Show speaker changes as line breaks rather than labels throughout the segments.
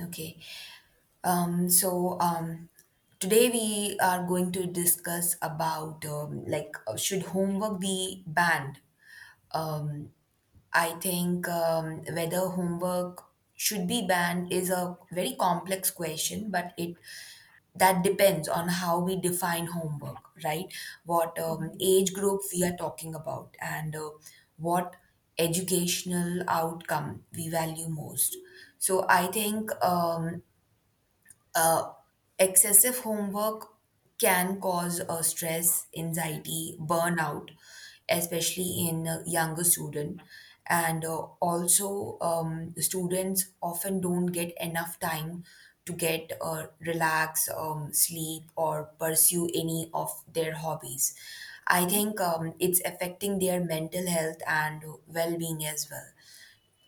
Okay. Um, so um, today we are going to discuss about should homework be banned? Um, I think whether homework should be banned is a very complex question, but it that depends on how we define homework, right? What
Mhm,
age group we are talking about, and what educational outcome we value most. So I think uh, excessive homework can cause stress, anxiety, burnout, especially in younger student. And also, students often don't get enough time to get relax, sleep, or pursue any of their hobbies. I
mhm,
think it's affecting their mental health and well being as well,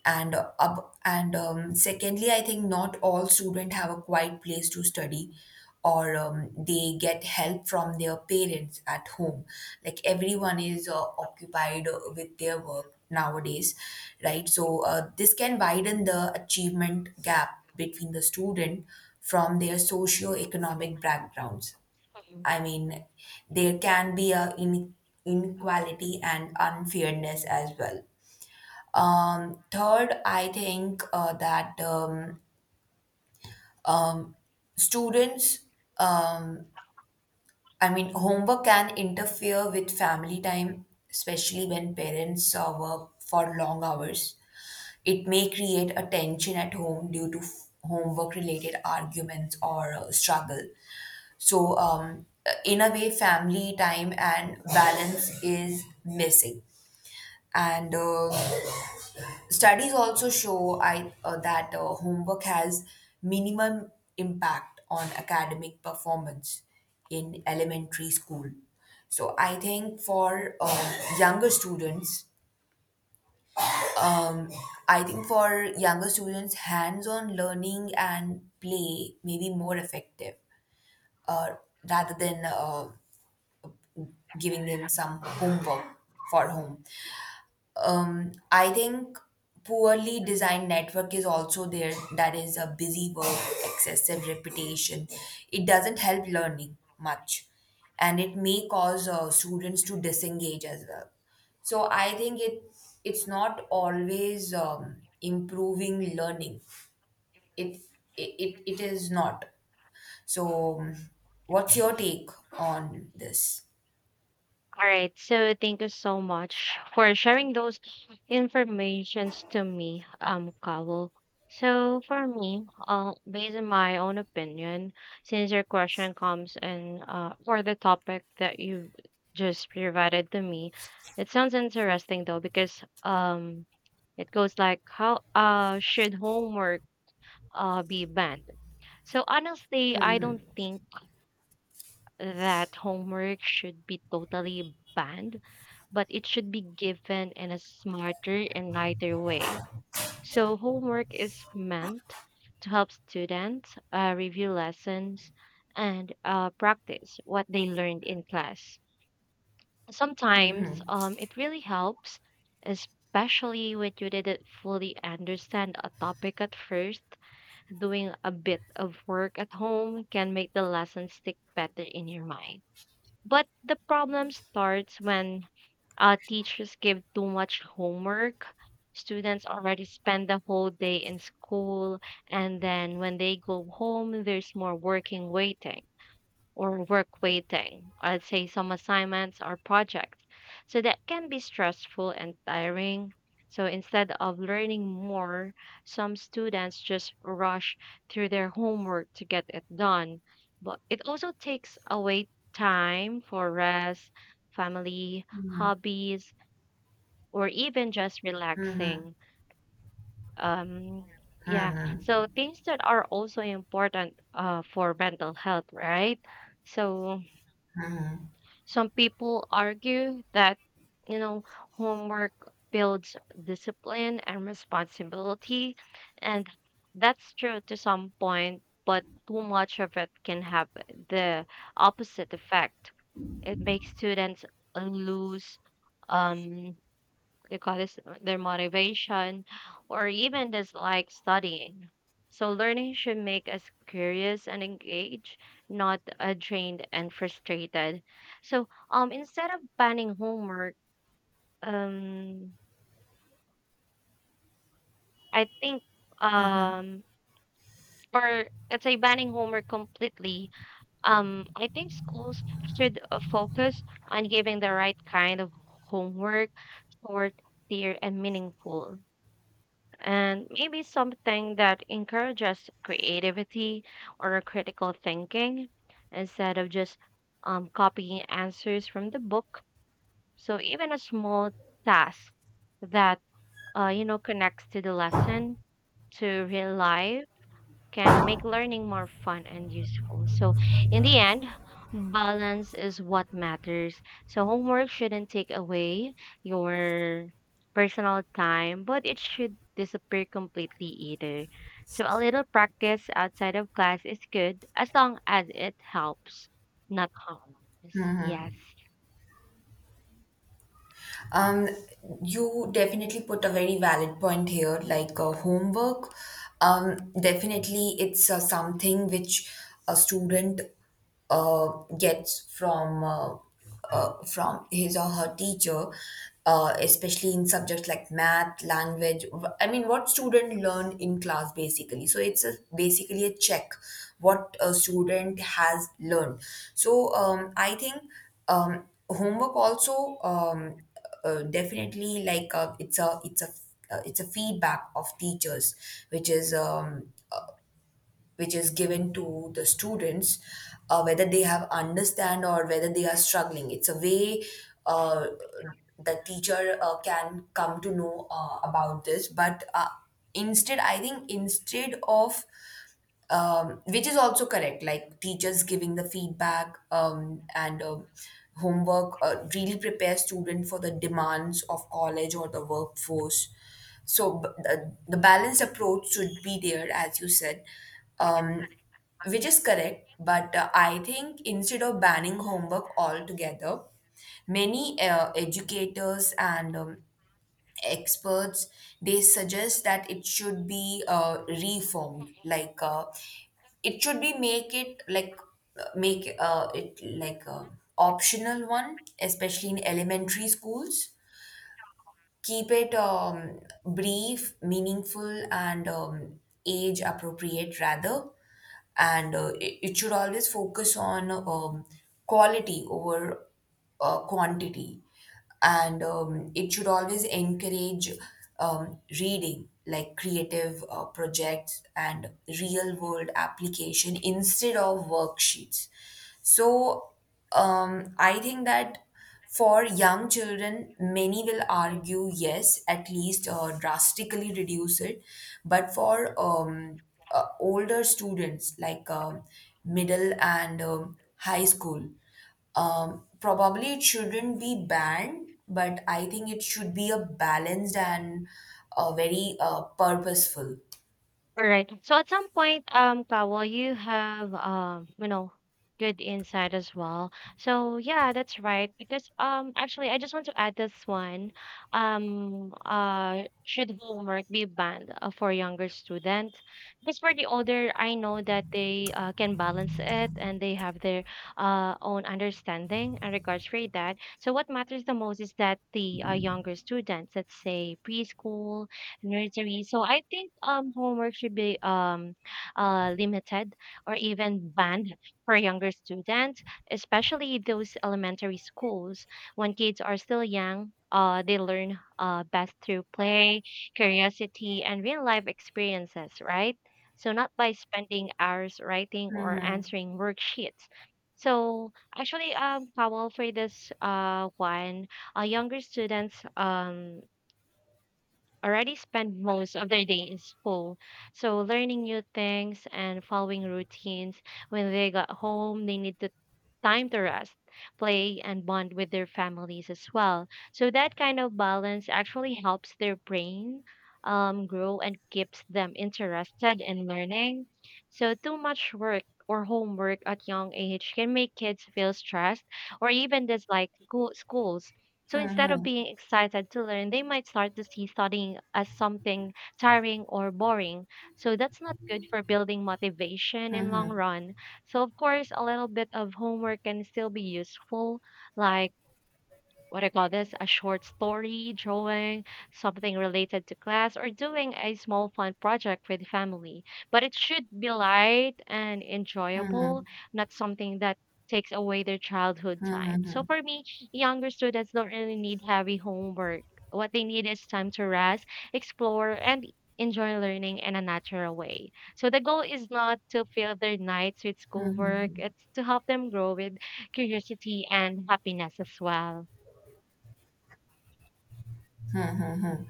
and secondly, I think not all students have a quiet place to study or they get help from their parents at home. Like everyone is occupied with their work nowadays, right? So this can widen the achievement gap between the student from their socio-economic backgrounds.
mhm.
I mean, there can be inequality and unfairness as well. Third, I think um, students, um, I mean, homework can interfere with family time, especially when parents work for long hours. It may create a tension at home due to homework related arguments or struggle. So, in a way, family time and balance is missing. And Studies also show that homework has minimum impact on academic performance in elementary school. So I think for um, I think for younger students, hands-on learning and play may be more effective, uh, rather than giving them some homework for home. I think poorly designed network is also there. That is a busy work, excessive repetition. It doesn't help learning much, and it may cause students to disengage as well. So I think it's not always improving learning. It it is not. So, what's your take on this?
All right. So thank you so much for sharing those informations to me, Kawal. So for me, based on my own opinion, since your question comes in for the topic that you just provided to me, it sounds interesting though because it goes like how should homework be banned? So honestly, I don't think that homework should be totally banned, but it should be given in a smarter and lighter way. So, homework is meant to help students review lessons and practice what they learned in class. Sometimes it really helps, especially when you didn't fully understand a topic at first. Doing a bit of work at home can make the lesson stick better in your mind. But the problem starts when teachers give too much homework. Students already spend the whole day in school, and then when they go home, there's more working waiting or work waiting. I'd say some assignments or projects. So that can be stressful and tiring. So instead of learning more, some students just rush through their homework to get it done. But it also takes away time for rest, family, hobbies, or even just relaxing. Um, yeah,
Hmm.
so things that are also important for mental health, right? So, some people argue that, you know, homework builds discipline and responsibility, and that's true to some point, but too much of it can have the opposite effect. It makes students lose um they call this their motivation or even just like studying. So learning should make us curious and engaged, not drained and frustrated. So instead of banning homework, um I think um or let's say banning homework completely, I think schools should focus on giving the right kind of homework: short, clear and meaningful, and maybe something that encourages creativity or critical thinking instead of just copying answers from the book. So even a small task that you know, connects to the lesson to real life can make learning more fun and useful. So, in the end, balance is what matters. So, homework shouldn't take away your personal time, but it should disappear completely either. So, a little practice outside of class is good as long as it helps, not harms. Yes.
Um, you definitely put a very valid point here, like homework. Definitely, it's something which a student uh, gets from his or her teacher, especially in subjects like math, language. I mean, what student learned in class basically. So it's a, basically a check what a student has learned. So I think um, homework also. Definitely, like it's a feedback of teachers, which is um, which is given to the students, whether they have understand or whether they are struggling. It's a way uh, the teacher can come to know about this. But instead, I think instead of which is also correct, like teachers giving the feedback and homework really prepare student for the demands of college or the workforce. So the balanced approach should be there, as you said, um, which is correct. But I think instead of banning homework altogether, many educators and experts, they suggest that it should be reformed, like it should be make it like a optional one, especially in elementary schools. Keep it brief, meaningful, and age appropriate rather. And it should always focus on quality over quantity. And it should always encourage reading, like creative projects and real world application instead of worksheets. So I think that for young children, many will argue yes, at least drastically reduce it. But for older students, like middle and high school, probably it shouldn't be banned, but I think it should be a balanced and very purposeful.
Alright. So at some point, Kawal, you have you know, good insight as well. So yeah, that's right. Because actually, I just want to add this one. Should homework be banned for younger students? Because for the older, I know that they can balance it and they have their own understanding and regards for that. So what matters the most is that the younger students, let's say preschool nursery. So I think homework should be limited or even banned for younger students, especially those elementary schools. When kids are still young, they learn best through play, curiosity, and real life experiences, right? So not by spending hours writing or
Mhm.
answering worksheets. So actually, Powell, for this one, younger students already spend most of their day in school. So learning new things and following routines. When they got home, they need to time to rest, play, and bond with their families as well. So that kind of balance actually helps their brain grow and keeps them interested in learning. So, too much work or homework at young age can make kids feel stressed or even dislike schools. So instead of being excited to learn, they might start to see studying as something tiring or boring. So that's not good for building motivation in long run. So, of course, a little bit of homework can still be useful, like what I call this, a short story, drawing, something related to class, or doing a small fun project with family. But it should be light and enjoyable, not something that takes away their childhood time. So for me, younger students don't really need heavy homework. What they need is time to rest, explore, and enjoy learning in a natural way. So the goal is not to fill their nights with schoolwork, it's to help them grow with curiosity and happiness as well.
Mm-hmm.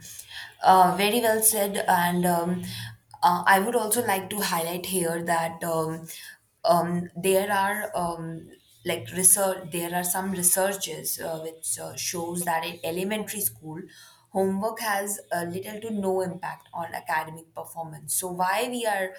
Very well said. And I would also like to highlight here that there are like research. There are some researches which shows that in elementary school, homework has little to no impact on academic performance. So why we are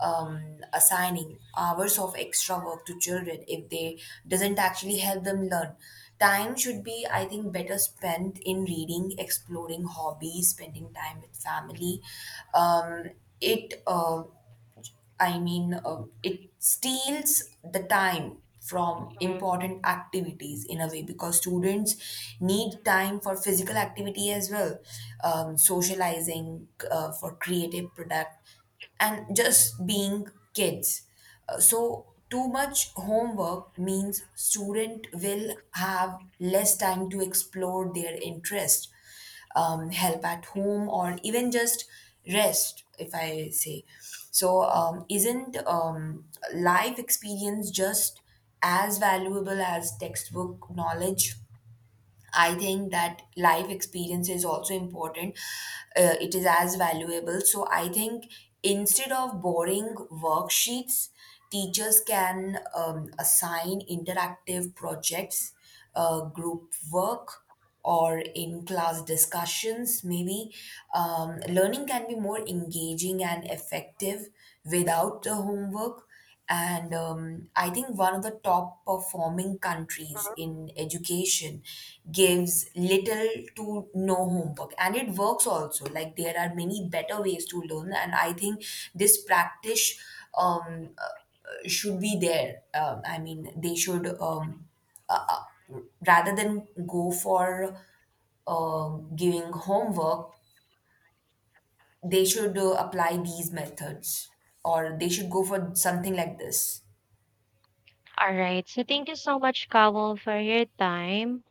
assigning hours of extra work to children if they doesn't actually help them learn? Time should be, I think, better spent in reading, exploring hobbies, spending time with family. Um, it I mean, it steals the time from
Mhm.
important activities in a way because students need time for physical activity as well, socializing, for creative product, and just being kids. So too much homework means student will have less time to explore their interest, help at home, or even just rest, if I say. So isn't life experience just as valuable as textbook knowledge? I think that life experience is also important. It is as valuable. So I think instead of boring worksheets, teachers can assign interactive projects, group work, or in class discussions. Maybe learning can be more engaging and effective without the homework. And I think one of the top performing countries in education gives little to no homework. And it works also. Like, there are many better ways to learn. And I think this practice should be there. I mean, they should, uh, uh, rather than go for uh, giving homework, they should apply these methods or they should go for something like this.
All right. So thank you so much, Kawal, for your time.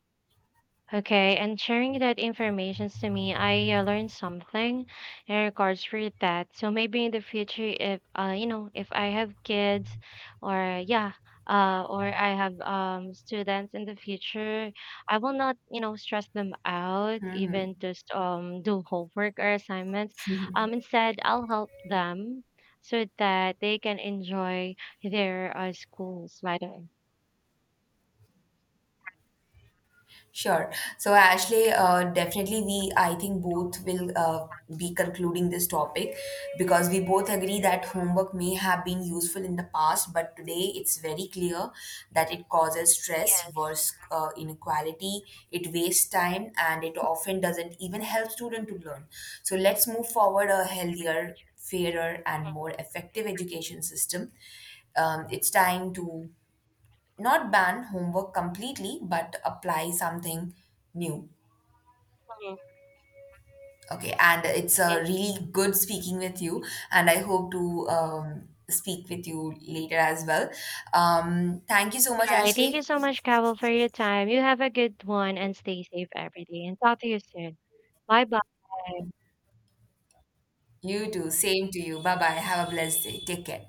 Okay, and sharing that information to me, I learned something in regards for that. So maybe in the future, if you know, if I have kids, or yeah, or I have students in the future, I will not, you know, stress them out, even just do homework or assignments. Instead, I'll help them so that they can enjoy their schools later.
Sure. So, Ashley, definitely I think both will be concluding this topic because we both agree that homework may have been useful in the past, but today it's very clear that it causes stress, worse inequality, it wastes time, and it often doesn't even help students to learn. So, let's move forward a healthier, fairer, and more effective education system. It's time to not ban homework completely, but apply something new. Okay, and it's a
Yes.
really good speaking with you, and I hope to speak with you later as well. Thank you so much,
Alright, thank you
Ashley.
so much, Carol, for your time. You have a good one and stay safe every day. And talk to you soon. Bye bye.
You too. Same to you. Bye bye. Have a blessed day. Take care.